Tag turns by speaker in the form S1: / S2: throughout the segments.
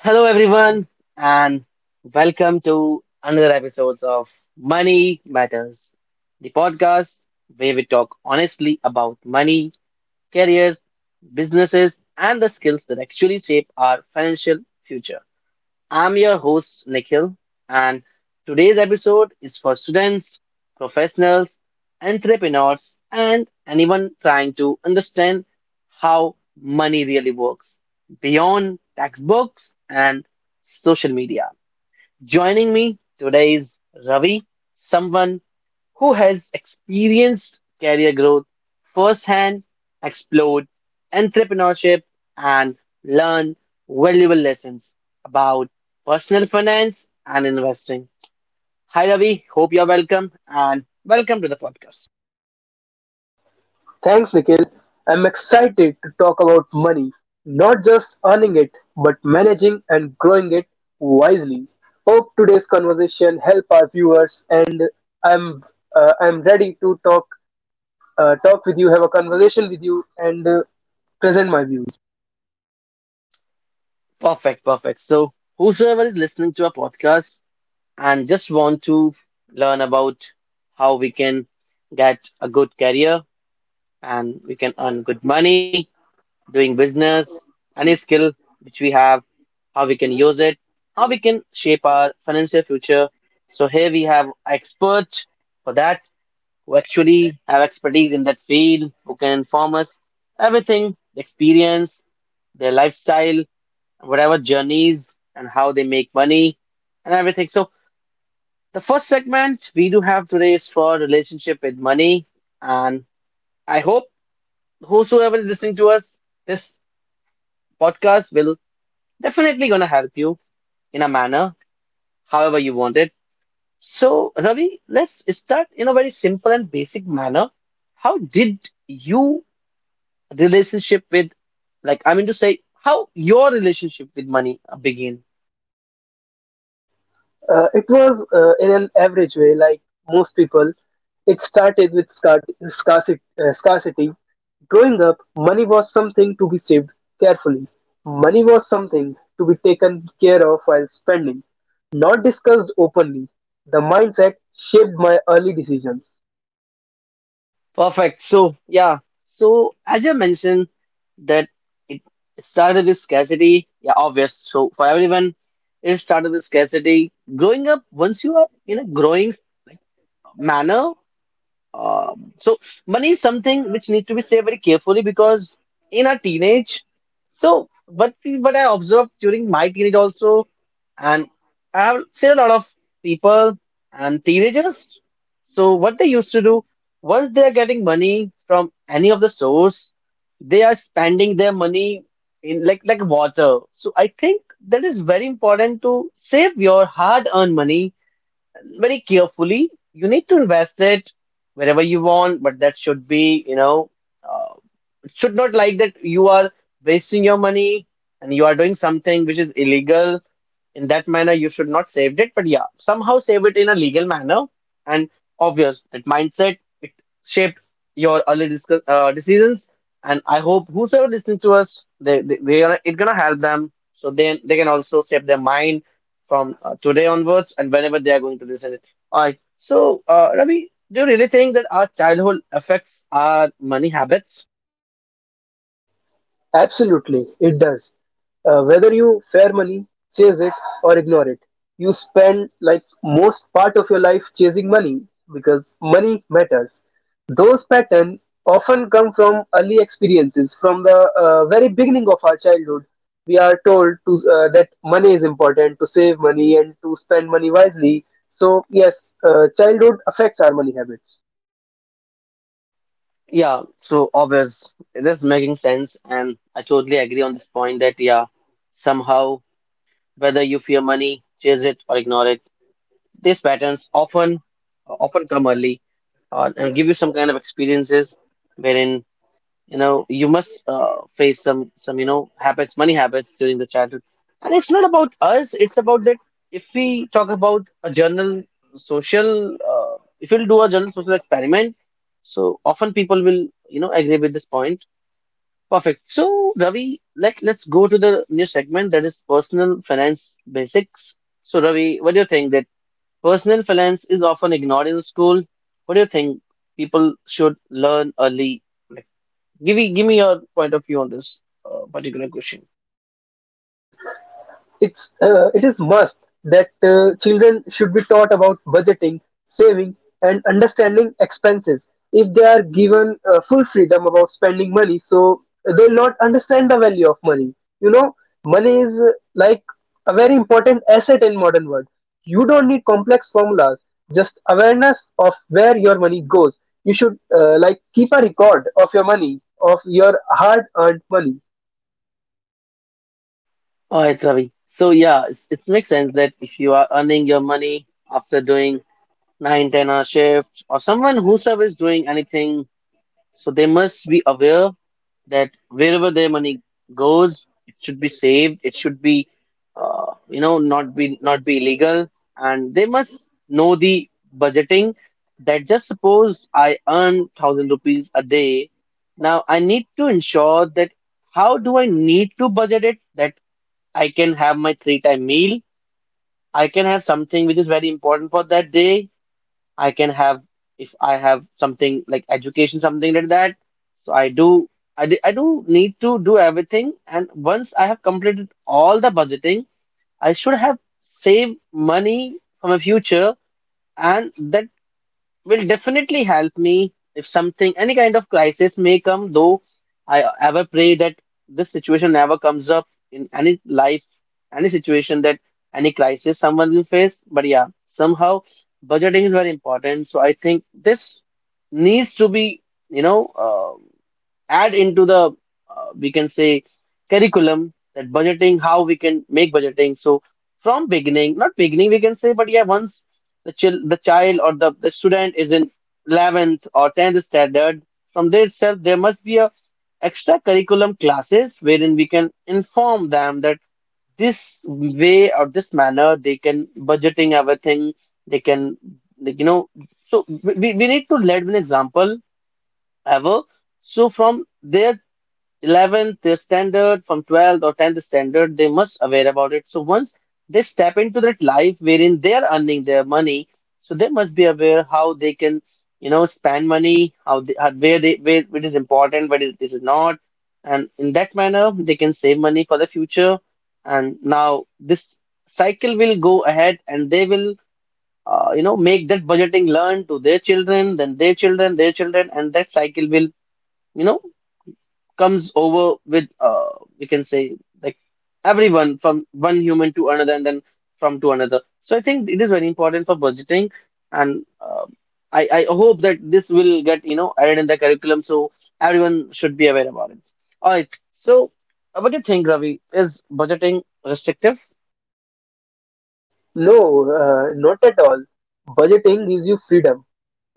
S1: Hello, everyone, and welcome to another episode of Money Matters, the podcast where we talk honestly about money, careers, businesses, and the skills that actually shape our financial future. I'm your host, Nikhil, and today's episode is for students, professionals, entrepreneurs, and anyone trying to understand how money really works beyond textbooks and social media. Joining me today is Ravi, someone who has experienced career growth firsthand, explored entrepreneurship, and learned valuable lessons about personal finance and investing. Hi, Ravi. Hope you're welcome and welcome to the podcast.
S2: Thanks, Nikhil. I'm excited to talk about money, not just earning it, but managing and growing it wisely. Hope today's conversation help our viewers, and I'm I'm ready to talk with you, have a conversation with you, and present my views.
S1: Perfect, perfect. So, whosoever is listening to our podcast and just want to learn about how we can get a good career and we can earn good money doing business, any skill which we have, how we can use it, how we can shape our financial future. So here we have experts for that who actually have expertise in that field, who can inform us everything, experience, their lifestyle, whatever journeys and how they make money and everything. So the first segment we do have today is for relationship with money. And I hope whosoever is listening to us, this podcast will definitely going to help you in a manner, however you want it. So, Ravi, let's start in a very simple and basic manner. How did you relationship with, like, I mean to say, how your relationship with money begin?
S2: It was in an average way, like most people. It started with scarcity, scarcity. Growing up, money was something to be saved carefully. Money was something to be taken care of while spending, not discussed openly. The mindset shaped my early decisions.
S1: Perfect. So, yeah. So, as you mentioned, that it started with scarcity. Yeah, obvious. So, for everyone, it started with scarcity. Growing up, once you are in a growing, like, manner, so money is something which needs to be saved very carefully because in our teenage, so what I observed during my teenage also, and I have seen a lot of people and teenagers. So what they used to do once they are getting money from any of the source, they are spending their money in like water. So I think that is very important to save your hard-earned money very carefully. You need to invest it wherever you want, but that should be, you know, uh, should not like that you are wasting your money and you are doing something which is illegal. In that manner, you should not save it. But yeah, somehow save it in a legal manner. And obvious that mindset it shaped your early decisions. And I hope whosoever listening to us, they are it gonna help them. So then they can also shape their mind from today onwards and whenever they are going to listen it. All right. So Ravi, do you really think that our childhood affects our money habits?
S2: Absolutely, it does. Whether you fair money, chase it, or ignore it, you spend like most part of your life chasing money because money matters. Those patterns often come from early experiences, from the very beginning of our childhood. We are told that money is important, to save money and to spend money wisely. So, yes, childhood affects our money habits.
S1: Yeah, so obvious. It is making sense, and I totally agree on this point that, yeah, somehow, whether you fear money, chase it, or ignore it, these patterns often come early and give you some kind of experiences wherein you know you must face some you know habits money habits during the childhood and it's not about us, it's about that if we talk about a general social if we'll do a general social experiment, so often people will, you know, agree with this point. Perfect. So Ravi, let's go to the new segment, that is personal finance basics. So Ravi, what do you think that personal finance is often ignored in school? What do you think people should learn early? Give me your point of view on this particular question.
S2: It is must that children should be taught about budgeting, saving, and understanding expenses. If they are given full freedom about spending money, so they'll not understand the value of money. You know, money is like a very important asset in modern world. You don't need complex formulas, just awareness of where your money goes. You should like keep a record of your money, of your hard earned money.
S1: All right, Ravi. So yeah, it makes sense that if you are earning your money after doing nine, 10 hour shift, or someone whosoever is doing anything. So they must be aware that wherever their money goes, it should be saved. It should be, you know, not be illegal, and they must know the budgeting. That just suppose I earn 1,000 rupees a day. Now I need to ensure that how do I need to budget it that I can have my three time meal. I can have something which is very important for that day. I can have, if I have something like education, something like that. So I do need to do everything. And once I have completed all the budgeting, I should have saved money for my future, and that will definitely help me if something, any kind of crisis may come, though I ever pray that this situation never comes up in any life, any situation that any crisis someone will face. But yeah, somehow budgeting is very important. So I think this needs to be, you know, add into the, we can say, curriculum. That budgeting, how we can make budgeting, so from beginning, not beginning we can say, but yeah, once the student is in 11th or 10th standard, from there itself there must be a extra curriculum classes wherein we can inform them that this way or this manner they can budgeting everything, they can, like, you know. So we need to lead with an example ever. So from there, 11th is standard from 12th or 10th standard, they must aware about it. So once they step into that life wherein they are earning their money, so they must be aware how they can, you know, spend money, how, where they, where it is important, where it is not, and in that manner they can save money for the future. And now this cycle will go ahead and they will, you know, make that budgeting learn to their children, then their children, their children, and that cycle will, you know, comes over with, we can say, like, everyone from one human to another and then from to another. So I think it is very important for budgeting. And, um I hope that this will get, you know, added in the curriculum, so everyone should be aware about it. All right. So what do you think, Ravi, is budgeting restrictive?
S2: No, not at all. Budgeting gives you freedom.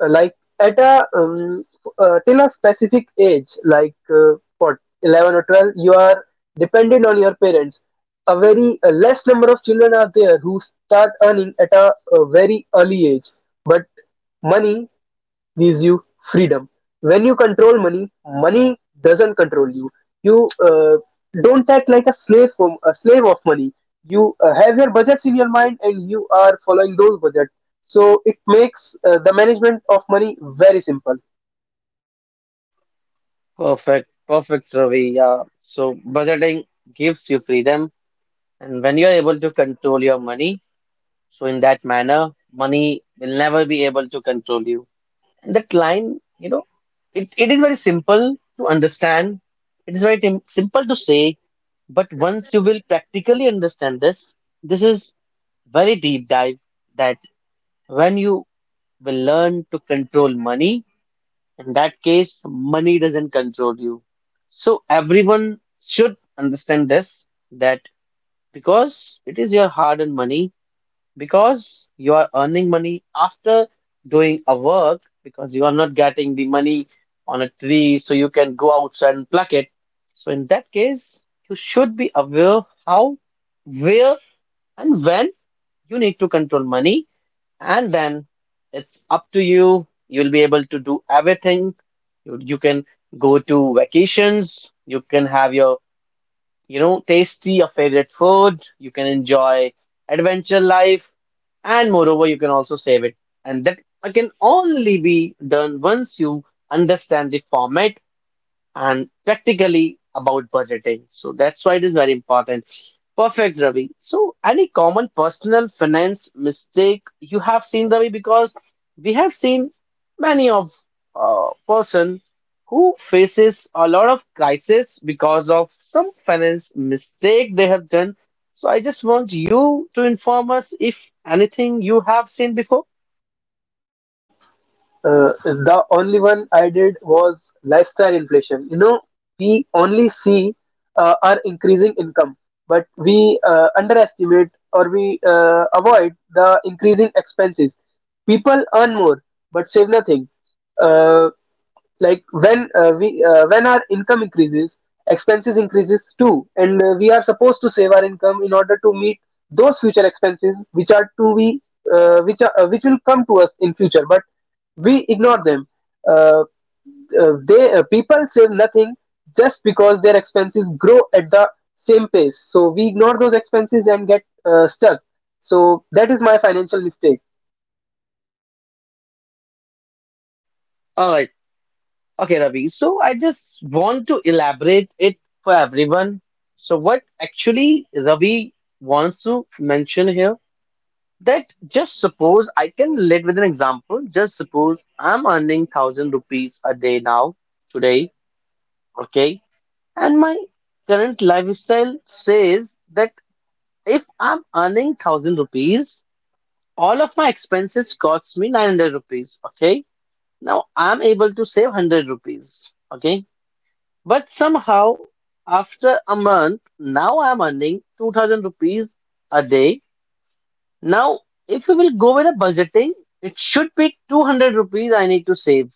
S2: Like at a till a specific age, like what 11 or 12, you are dependent on your parents. A very less number of children are there who start earning at a very early age. But money gives you freedom. When you control money, money doesn't control you. You don't act like a slave from a slave of money. You have your budgets in your mind and you are following those budgets. So it makes the management of money very simple.
S1: Perfect, perfect, Ravi. Yeah. So budgeting gives you freedom, and when you are able to control your money, so in that manner, money will never be able to control you. And that line, you know, it is very simple to understand. It is very simple to say, but once you will practically understand this, this is very deep dive, that when you will learn to control money, in that case, money doesn't control you. So everyone should understand this, that because it is your hard-earned money, because you are earning money after doing a work, because you are not getting the money on a tree so you can go outside and pluck it. So in that case, you should be aware how, where, and when you need to control money, and then it's up to you. You'll be able to do everything. You can go to vacations, you can have your, you know, tasty, your favorite food, you can enjoy adventure life, and moreover, you can also save it. And that can only be done once you understand the format and practically about budgeting. So that's why it is very important. Perfect, Ravi. So, any common personal finance mistake you have seen, Ravi? Because we have seen many of person who faces a lot of crisis because of some finance mistake they have done. So, I just want you to inform us if anything you have seen before.
S2: The only one I did was lifestyle inflation. You know, we only see our increasing income, but we underestimate or we avoid the increasing expenses. People earn more but save nothing. Uh, like when we when our income increases, expenses increases too, and we are supposed to save our income in order to meet those future expenses which are to be which will come to us in future, but we ignore them. Uh, they People save nothing just because their expenses grow at the same pace, so we ignore those expenses and get stuck. So that is my financial mistake.
S1: Alright. Okay, Ravi. So I just want to elaborate it for everyone. So what actually Ravi wants to mention here, that just suppose I can lead with an example. Just suppose I'm earning 1,000 rupees a day now, today, okay, and my current lifestyle says that if I'm earning 1,000 rupees, all of my expenses costs me 900 rupees, okay. Now I'm able to save 100 rupees, okay. But somehow, after a month, now I'm earning 2000 rupees a day. Now, if we will go with a budgeting, it should be 200 rupees I need to save.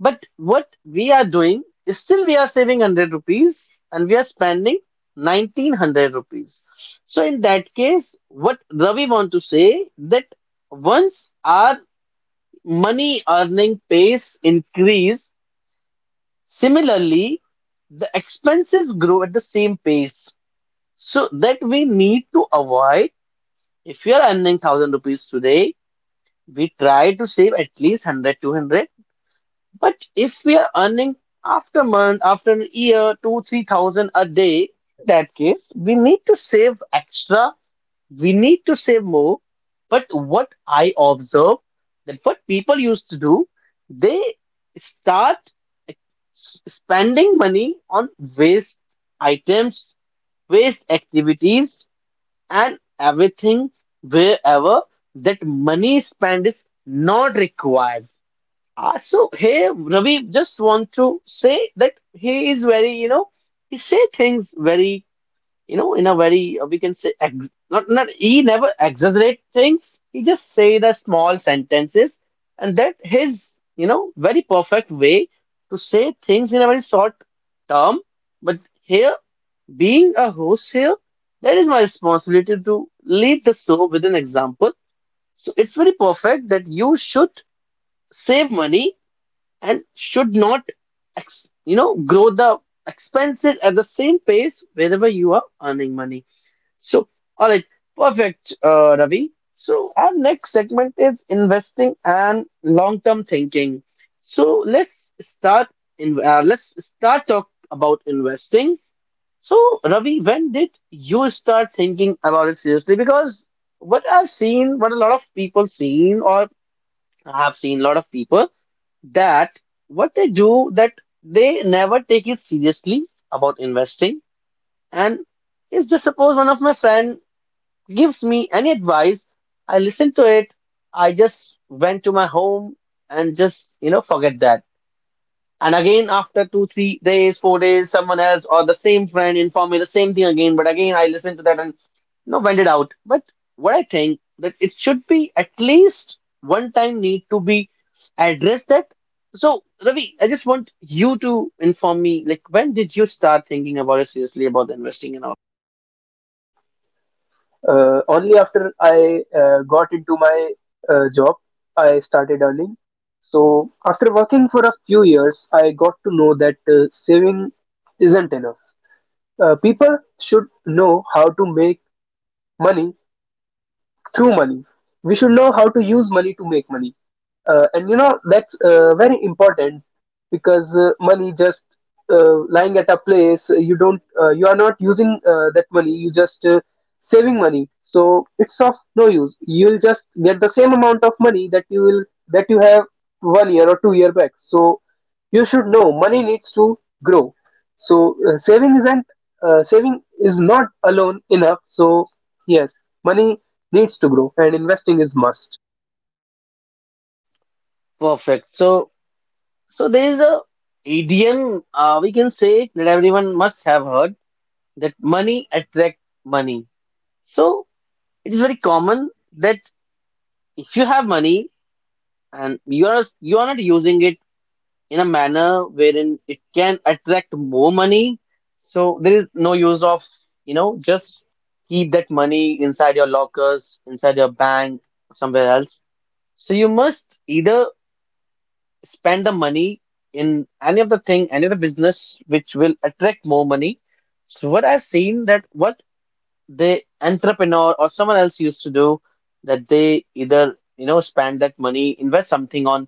S1: But what we are doing is, still we are saving 100 rupees and we are spending 1900 rupees. So, in that case, what Ravi want to say, that once our money earning pace increase, similarly, the expenses grow at the same pace. So that we need to avoid. If you are earning 1,000 rupees today, we try to save at least 100, 200. But if we are earning after month, after a year, two, 3,000 a day, in that case, we need to save extra. We need to save more. But what I observe, that what people used to do, they start spending money on waste items, waste activities, and everything wherever that money spent is not required. Ravi just want to say that he is very, he say things very, in a very we can say ex not not he never exaggerate things. He just say the small sentences, and that his very perfect way to say things in a very short term. But here, being a host here, that is my responsibility to lead the show with an example. So it's very perfect that you should save money and should not, grow the expenses at the same pace wherever you are earning money. So, all right, perfect, Ravi. So our next segment is investing and long-term thinking. So let's start in let's start talk about investing. So, Ravi, when did you start thinking about it seriously? Because what I've seen, what a lot of people seen, or have seen a lot of people, that what they do, that they never take it seriously about investing. And if just suppose one of my friend gives me any advice, I listen to it, I just went to my home and just, forget that. And again, after two, 3 days, 4 days, someone else or the same friend informed me the same thing again. But again, I listened to that and went it out. But what I think that it should be at least one time need to be addressed that. So Ravi, I just want you to inform me, like when did you start thinking about it seriously about investing in our
S2: Only after I got into my job, I started earning. So after working for a few years, I got to know that saving isn't enough. People should know how to make money through money. We should know how to use money to make money. And you know, that's very important because money just lying at a place, you are not using that money, you just saving money. So it's of no use. You'll just get the same amount of money that that you have one year or two-year back. So you should know money needs to grow. So saving is not alone enough. So yes, money needs to grow and investing is must.
S1: perfect? So, so there is a idiom we can say that everyone must have heard that money attract money. So it is very common that if you have money and you are not using it in a manner wherein it can attract more money, so there is no use of just keep that money inside your lockers, inside your bank, somewhere else. So you must either spend the money in any of the thing, any of the business which will attract more money. So what I've seen that what the entrepreneur or someone else used to do, that they either spend that money, invest something on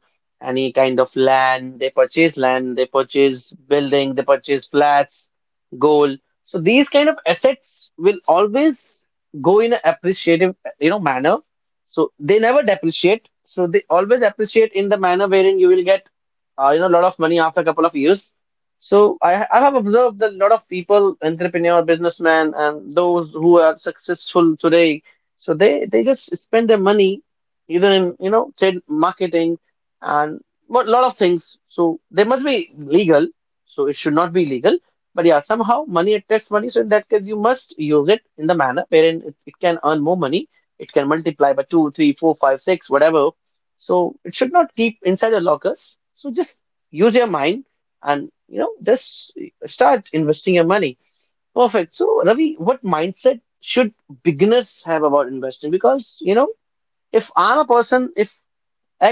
S1: any kind of land, they purchase land, they purchase building, they purchase flats, gold. So these kind of assets will always go in an appreciative manner, so they never depreciate, so they always appreciate in the manner wherein you will get a lot of money after a couple of years. So I have observed that a lot of people, entrepreneur, businessmen, and those who are successful today, so they just spend their money either in trade marketing and a lot of things. So they must be legal. So it should not be illegal. But yeah, somehow money attracts money. So in that case, you must use it in the manner wherein it can earn more money. It can multiply by two, three, four, five, six, whatever. So it should not keep inside the lockers. So just use your mind and just start investing your money. Perfect. So Ravi, what mindset should beginners have about investing? Because if I'm a person, if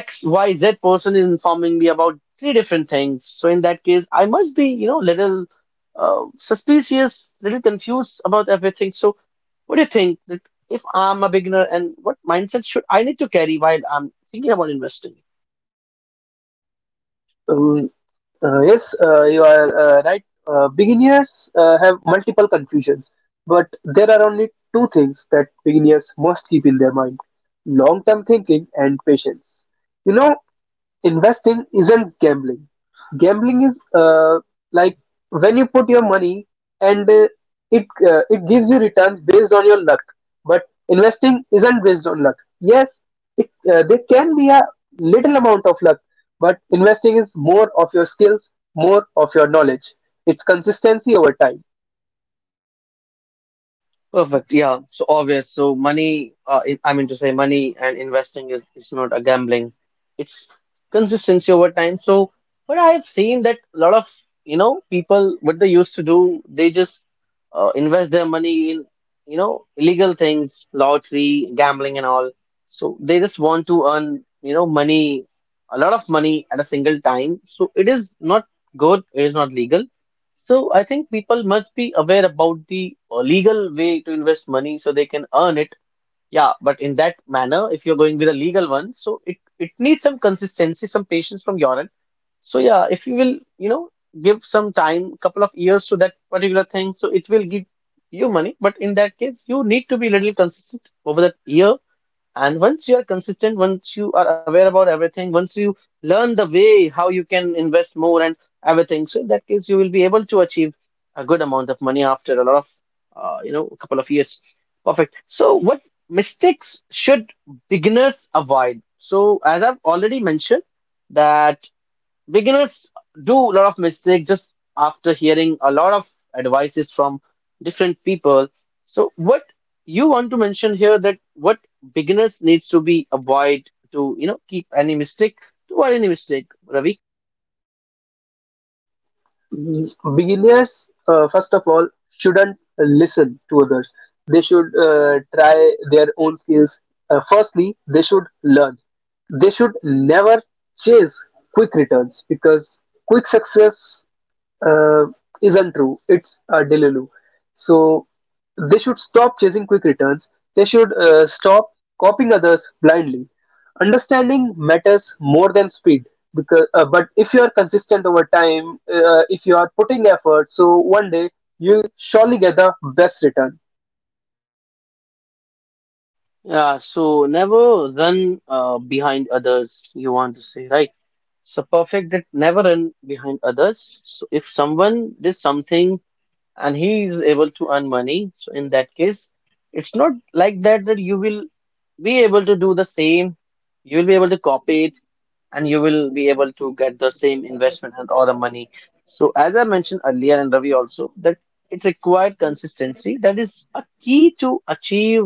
S1: XYZ person is informing me about three different things, so in that case I must be little suspicious, little confused about everything. So what do you think that if I'm a beginner, and what mindset should I need to carry while I'm thinking about investing?
S2: um, yes, you are right. Beginners have multiple confusions, but there are only two things that beginners must keep in their mind: long term thinking and patience. You know, investing isn't gambling. Gambling is like when you put your money and it gives you returns based on your luck. But investing isn't based on luck. Yes, it there can be a little amount of luck, but investing is more of your skills, more of your knowledge. It's consistency over time.
S1: Perfect. Yeah. So obvious. So money, I mean to say money and investing is not a gambling. It's consistency over time. So what I have seen that a lot of, people, what they used to do, they just invest their money in, illegal things, lottery, gambling and all. So they just want to earn, money, a lot of money at a single time. So it is not good. It is not legal. So I think people must be aware about the legal way to invest money so they can earn it. Yeah, but in that manner, if you're going with a legal one, so it needs some consistency, some patience from your end. So yeah, if you will, give some time, couple of years to that particular thing, so it will give you money. But in that case, you need to be a little consistent over that year, and once you are consistent, once you are aware about everything, once you learn the way how you can invest more and everything, so in that case, you will be able to achieve a good amount of money after a lot of, a couple of years. Perfect. So, what mistakes should beginners avoid? So, as I've already mentioned, that beginners do a lot of mistakes just after hearing a lot of advices from different people. So what you want to mention here, that what beginners needs to be avoid to keep any mistake, to avoid any mistake, Ravi?
S2: Beginners, first of all, shouldn't listen to others. They should try their own skills. Firstly, they should learn. They should never chase quick returns because quick success uh, isn't true, it's a delulu. So they should stop chasing quick returns. They should stop copying others blindly. Understanding matters more than speed, because but if you are consistent over time, if you are putting effort, so one day you'll surely get the best return.
S1: Yeah, so never run behind others, you want to say, right? So perfect, that never run behind others. So if someone did something and he is able to earn money, so in that case it's not like that you will be able to do the same. You will be able to copy it and you will be able to get the same investment and or the money. So as I mentioned earlier, and Ravi also, that it required consistency. That is a key to achieve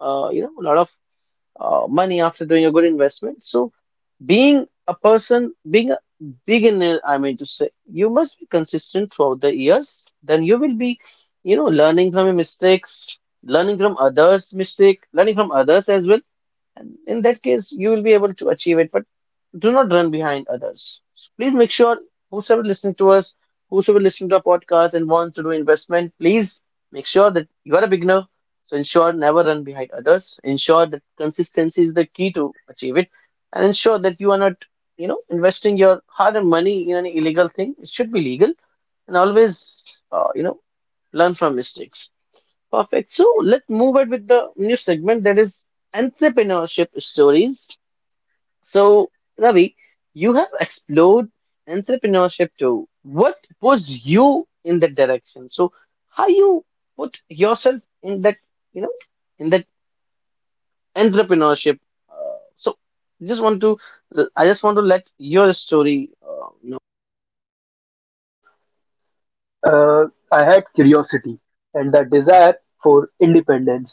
S1: a lot of money after doing a good investment. So being a person, being a beginner, I mean to say, you must be consistent throughout the years. Then you will be, learning from your mistakes, learning from others' mistake, learning from others as well, and in that case you will be able to achieve it. But do not run behind others. So please make sure, whosoever listening to us, whosoever listening to our podcast and wants to do investment, please make sure that you are a beginner. So ensure never run behind others, ensure that consistency is the key to achieve it, and ensure that you are not investing your hard-earned money in an illegal thing. It should be legal. And always uh, you know learn from mistakes. Perfect. So let's move it with the new segment, that is entrepreneurship stories. So, Ravi, you have explored entrepreneurship too. What was you in that direction? So, how you put yourself in that, you know, in that entrepreneurship? Uh, so, just want to, I just want to let your story.
S2: uh, I had curiosity and the desire for independence.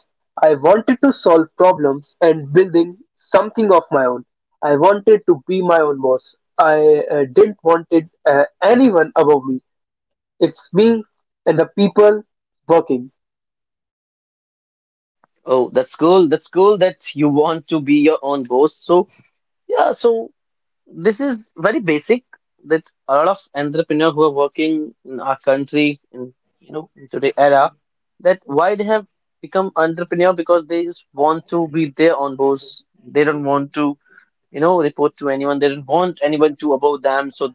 S2: I wanted to solve problems and building something of my own. I wanted to be my own boss. I didn't wanted anyone above me. It's me and the people working.
S1: Oh, that's cool. That's cool that you want to be your own boss. So, yeah. So, this is very basic, that a lot of entrepreneurs who are working in our country in in today era, that why they have become entrepreneur, because they just want to be their own boss, they don't want to report to anyone, they don't want anyone to above them. So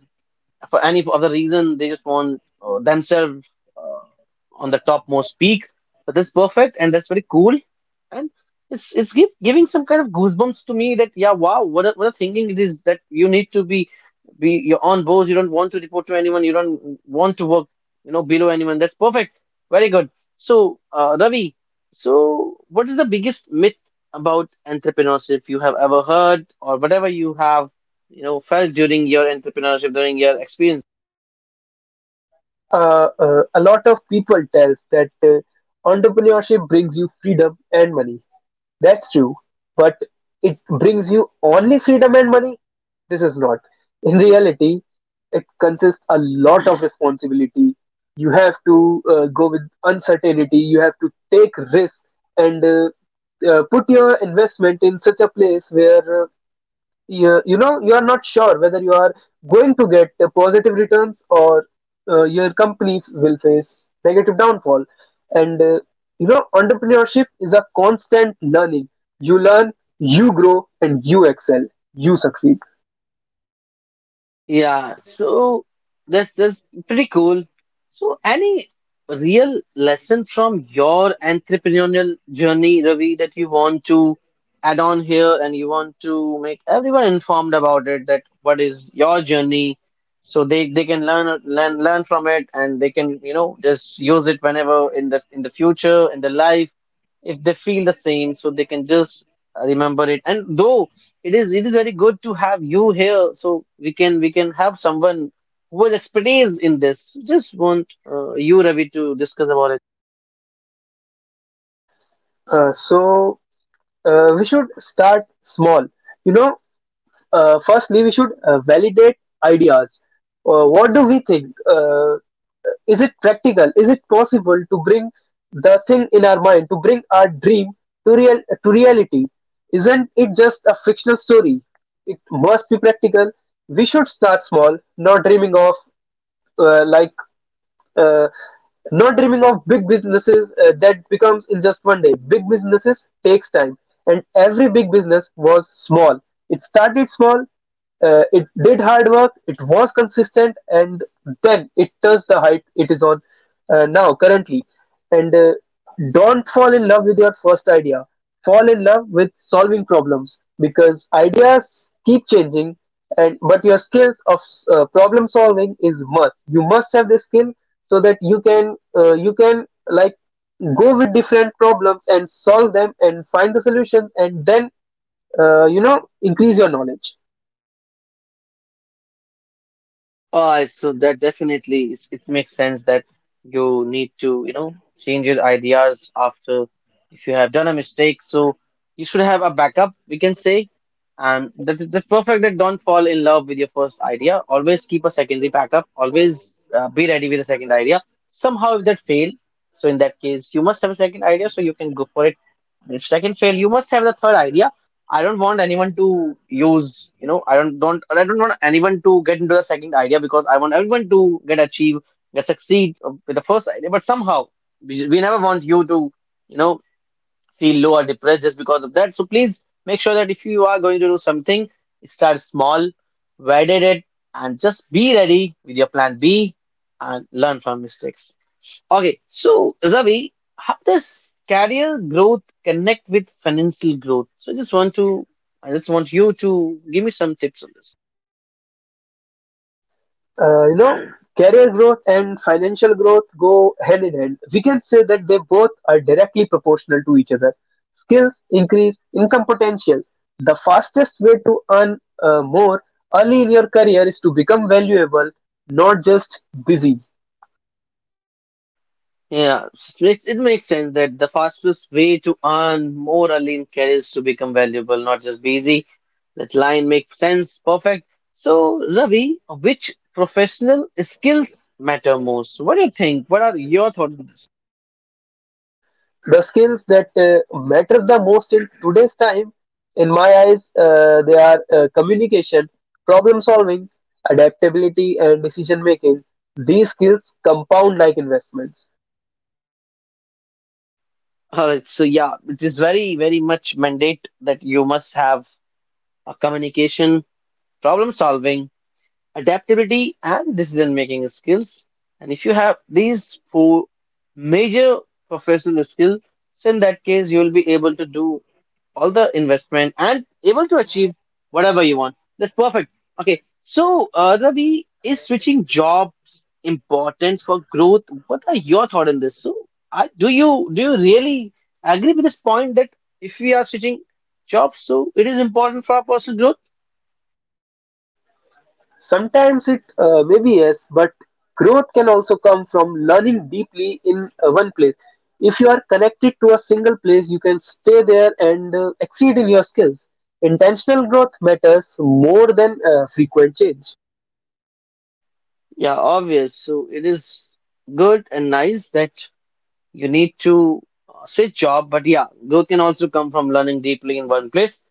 S1: for any other reason they just want themselves uh, on the topmost peak. But that's perfect and that's very cool. And giving some kind of goosebumps to me, that yeah, wow, what a thinking it is, that you need to be your own boss. You don't want to report to anyone. You don't want to work below anyone. That's perfect. Very good. So Ravi, so what is the biggest myth about entrepreneurship you have ever heard, or whatever you have felt during your entrepreneurship, during your experience?
S2: A lot of people tells that entrepreneurship brings you freedom and money. That's true, but it brings you only freedom and money. This is not. In reality, it consists a lot of responsibility. You have to go with uncertainty. You have to take risks and put your investment in such a place where you, you know you are not sure whether you are going to get the positive returns or your company will face negative downfall. And you know, entrepreneurship is a constant learning. You learn, you grow, and you excel, you succeed.
S1: Yeah, so that's pretty cool. So any real lesson from your entrepreneurial journey, Ravi, that you want to add on here, and you want to make everyone informed about it, that what is your journey, so they can learn from it, and they can, just use it whenever in the future, in their life, if they feel the same, so they can just remember it. And though it is very good to have you here, so we can have someone who has expertise in this. Just want you, Ravi, to discuss about it.
S2: uh, so we should start small. You know, firstly we should validate ideas. What do we think? Is it practical? Is it possible to bring the thing in our mind, to bring our dream to reality? Isn't it just a fictional story? It must be practical. We should start small, not dreaming of uh, like uh, not dreaming of big businesses that becomes in just one day. Big businesses takes time, and every big business was small. It started small, it did hard work, it was consistent, and then it touched the height it is on now currently. And don't fall in love with your first idea. Fall in love with solving problems because ideas keep changing, and but your skills of problem solving is must. You must have this skill so that you can like go with different problems and solve them and find the solution and then you know increase your knowledge.
S1: So that definitely is, it makes sense that you need to, change your ideas after if you have done a mistake. So you should have a backup, we can say. And that's perfect, that don't fall in love with your first idea. Always keep a secondary backup. Always be ready with a second idea. Somehow if that fail, so in that case you must have a second idea so you can go for it. If second fail, you must have the third idea. I don't want anyone to use, I don't want anyone to get into the second idea because I want everyone to get achieve, get succeed with the first idea. But somehow we never want you to, you know, feel low or depressed just because of that. So please make sure that if you are going to do something, start small, validate it, and just be ready with your plan B and learn from mistakes. Okay, so Ravi, how does career growth connect with financial growth? So I just want you to give me some tips on this.
S2: You know, career growth and financial growth go hand in hand. We can say that they both are directly proportional to each other. Skills increase income potential. The fastest way to earn more early in your career is to become valuable, not just busy.
S1: Yeah, it makes sense that the fastest way to earn more early in career is to become valuable, not just busy. That line makes sense, perfect. So Ravi, which professional skills matter most? What do you think? What are your thoughts on this?
S2: The skills that matters the most in today's time, in my eyes, they are communication, problem solving, adaptability, and decision making. These skills compound like investments.
S1: All right, so yeah, it is very, very much mandate that you must have a communication, problem solving, adaptability, and decision making skills. And if you have these four major professional skills, so in that case, you will be able to do all the investment and able to achieve whatever you want. That's perfect. Okay, so Ravi, is switching jobs important for growth? What are your thoughts on this? Do you really agree with this point that if we are switching jobs, so it is important for our personal growth?
S2: Sometimes it may be yes, but growth can also come from learning deeply in one place. If you are connected to a single place, you can stay there and exceed in your skills. Intentional growth matters more than frequent change.
S1: Yeah, obvious. So it is good and nice that you need to switch job, but yeah, growth can also come from learning deeply in one place.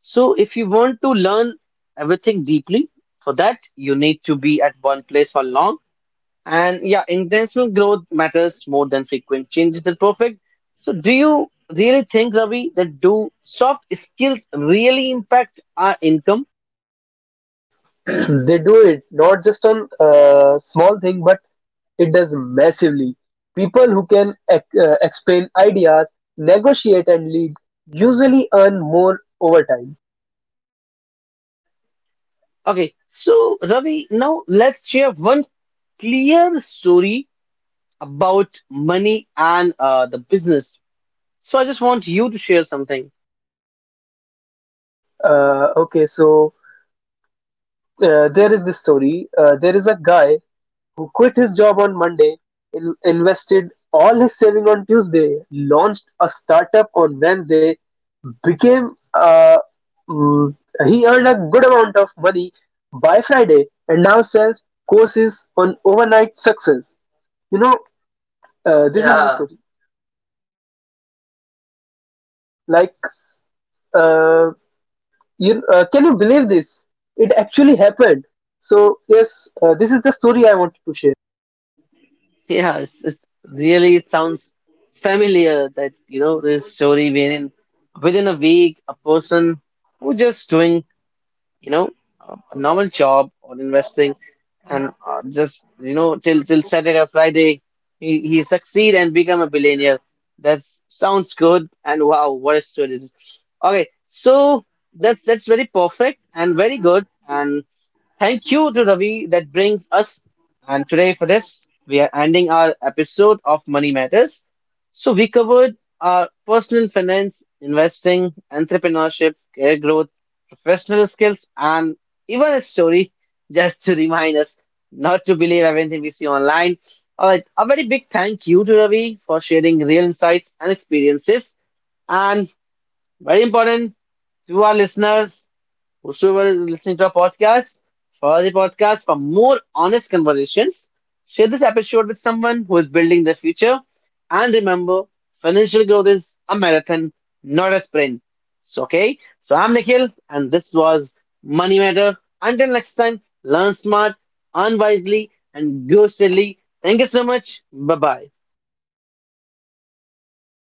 S1: So if you want to learn everything deeply, for that you need to be at one place for long. And yeah, intentional growth matters more than frequent changes than perfect. So do you really think, Ravi, that do soft skills really impact our income?
S2: They do, it not just on small thing, but it does massively. People who can explain ideas, negotiate, and lead usually earn more over time.
S1: Okay, so Ravi, now let's share one clear story about money and the business. So I just want you to share something.
S2: Okay, so there is this story. There is a guy who quit his job on Monday, invested all his saving on Tuesday, launched a startup on Wednesday, became uh, mm, he earned a good amount of money by Friday, and now sells courses on overnight success. You know,
S1: This
S2: this is his
S1: yeah,
S2: yeah story. Like, uh, you can you believe this? It actually happened. So yes, this is the story I wanted to share.
S1: yeah, it's really it sounds familiar that you know this story wherein within a week a person who just doing you know a normal job or investing and just you know till Saturday or Friday, he succeed and become a billionaire, that sounds good and wow, what a story it is. Okay, so that's very perfect and very good, and thank you to Ravi that brings us and today for this we are ending our episode of Money Matters. So we covered our personal finance, investing, entrepreneurship, career growth, professional skills, and even a story just to remind us not to believe everything we see online. All right, a very big thank you to Ravi for sharing real insights and experiences, and very important to our listeners. Whosoever is listening to our podcast, follow the podcast for more honest conversations. Share this episode with someone who is building their future. And remember, financial growth is a marathon, not a sprint. So, okay, so I'm Nikhil, and this was Money Matter. Until next time, learn smart, earn wisely, and grow steadily. Thank you so much. Bye bye.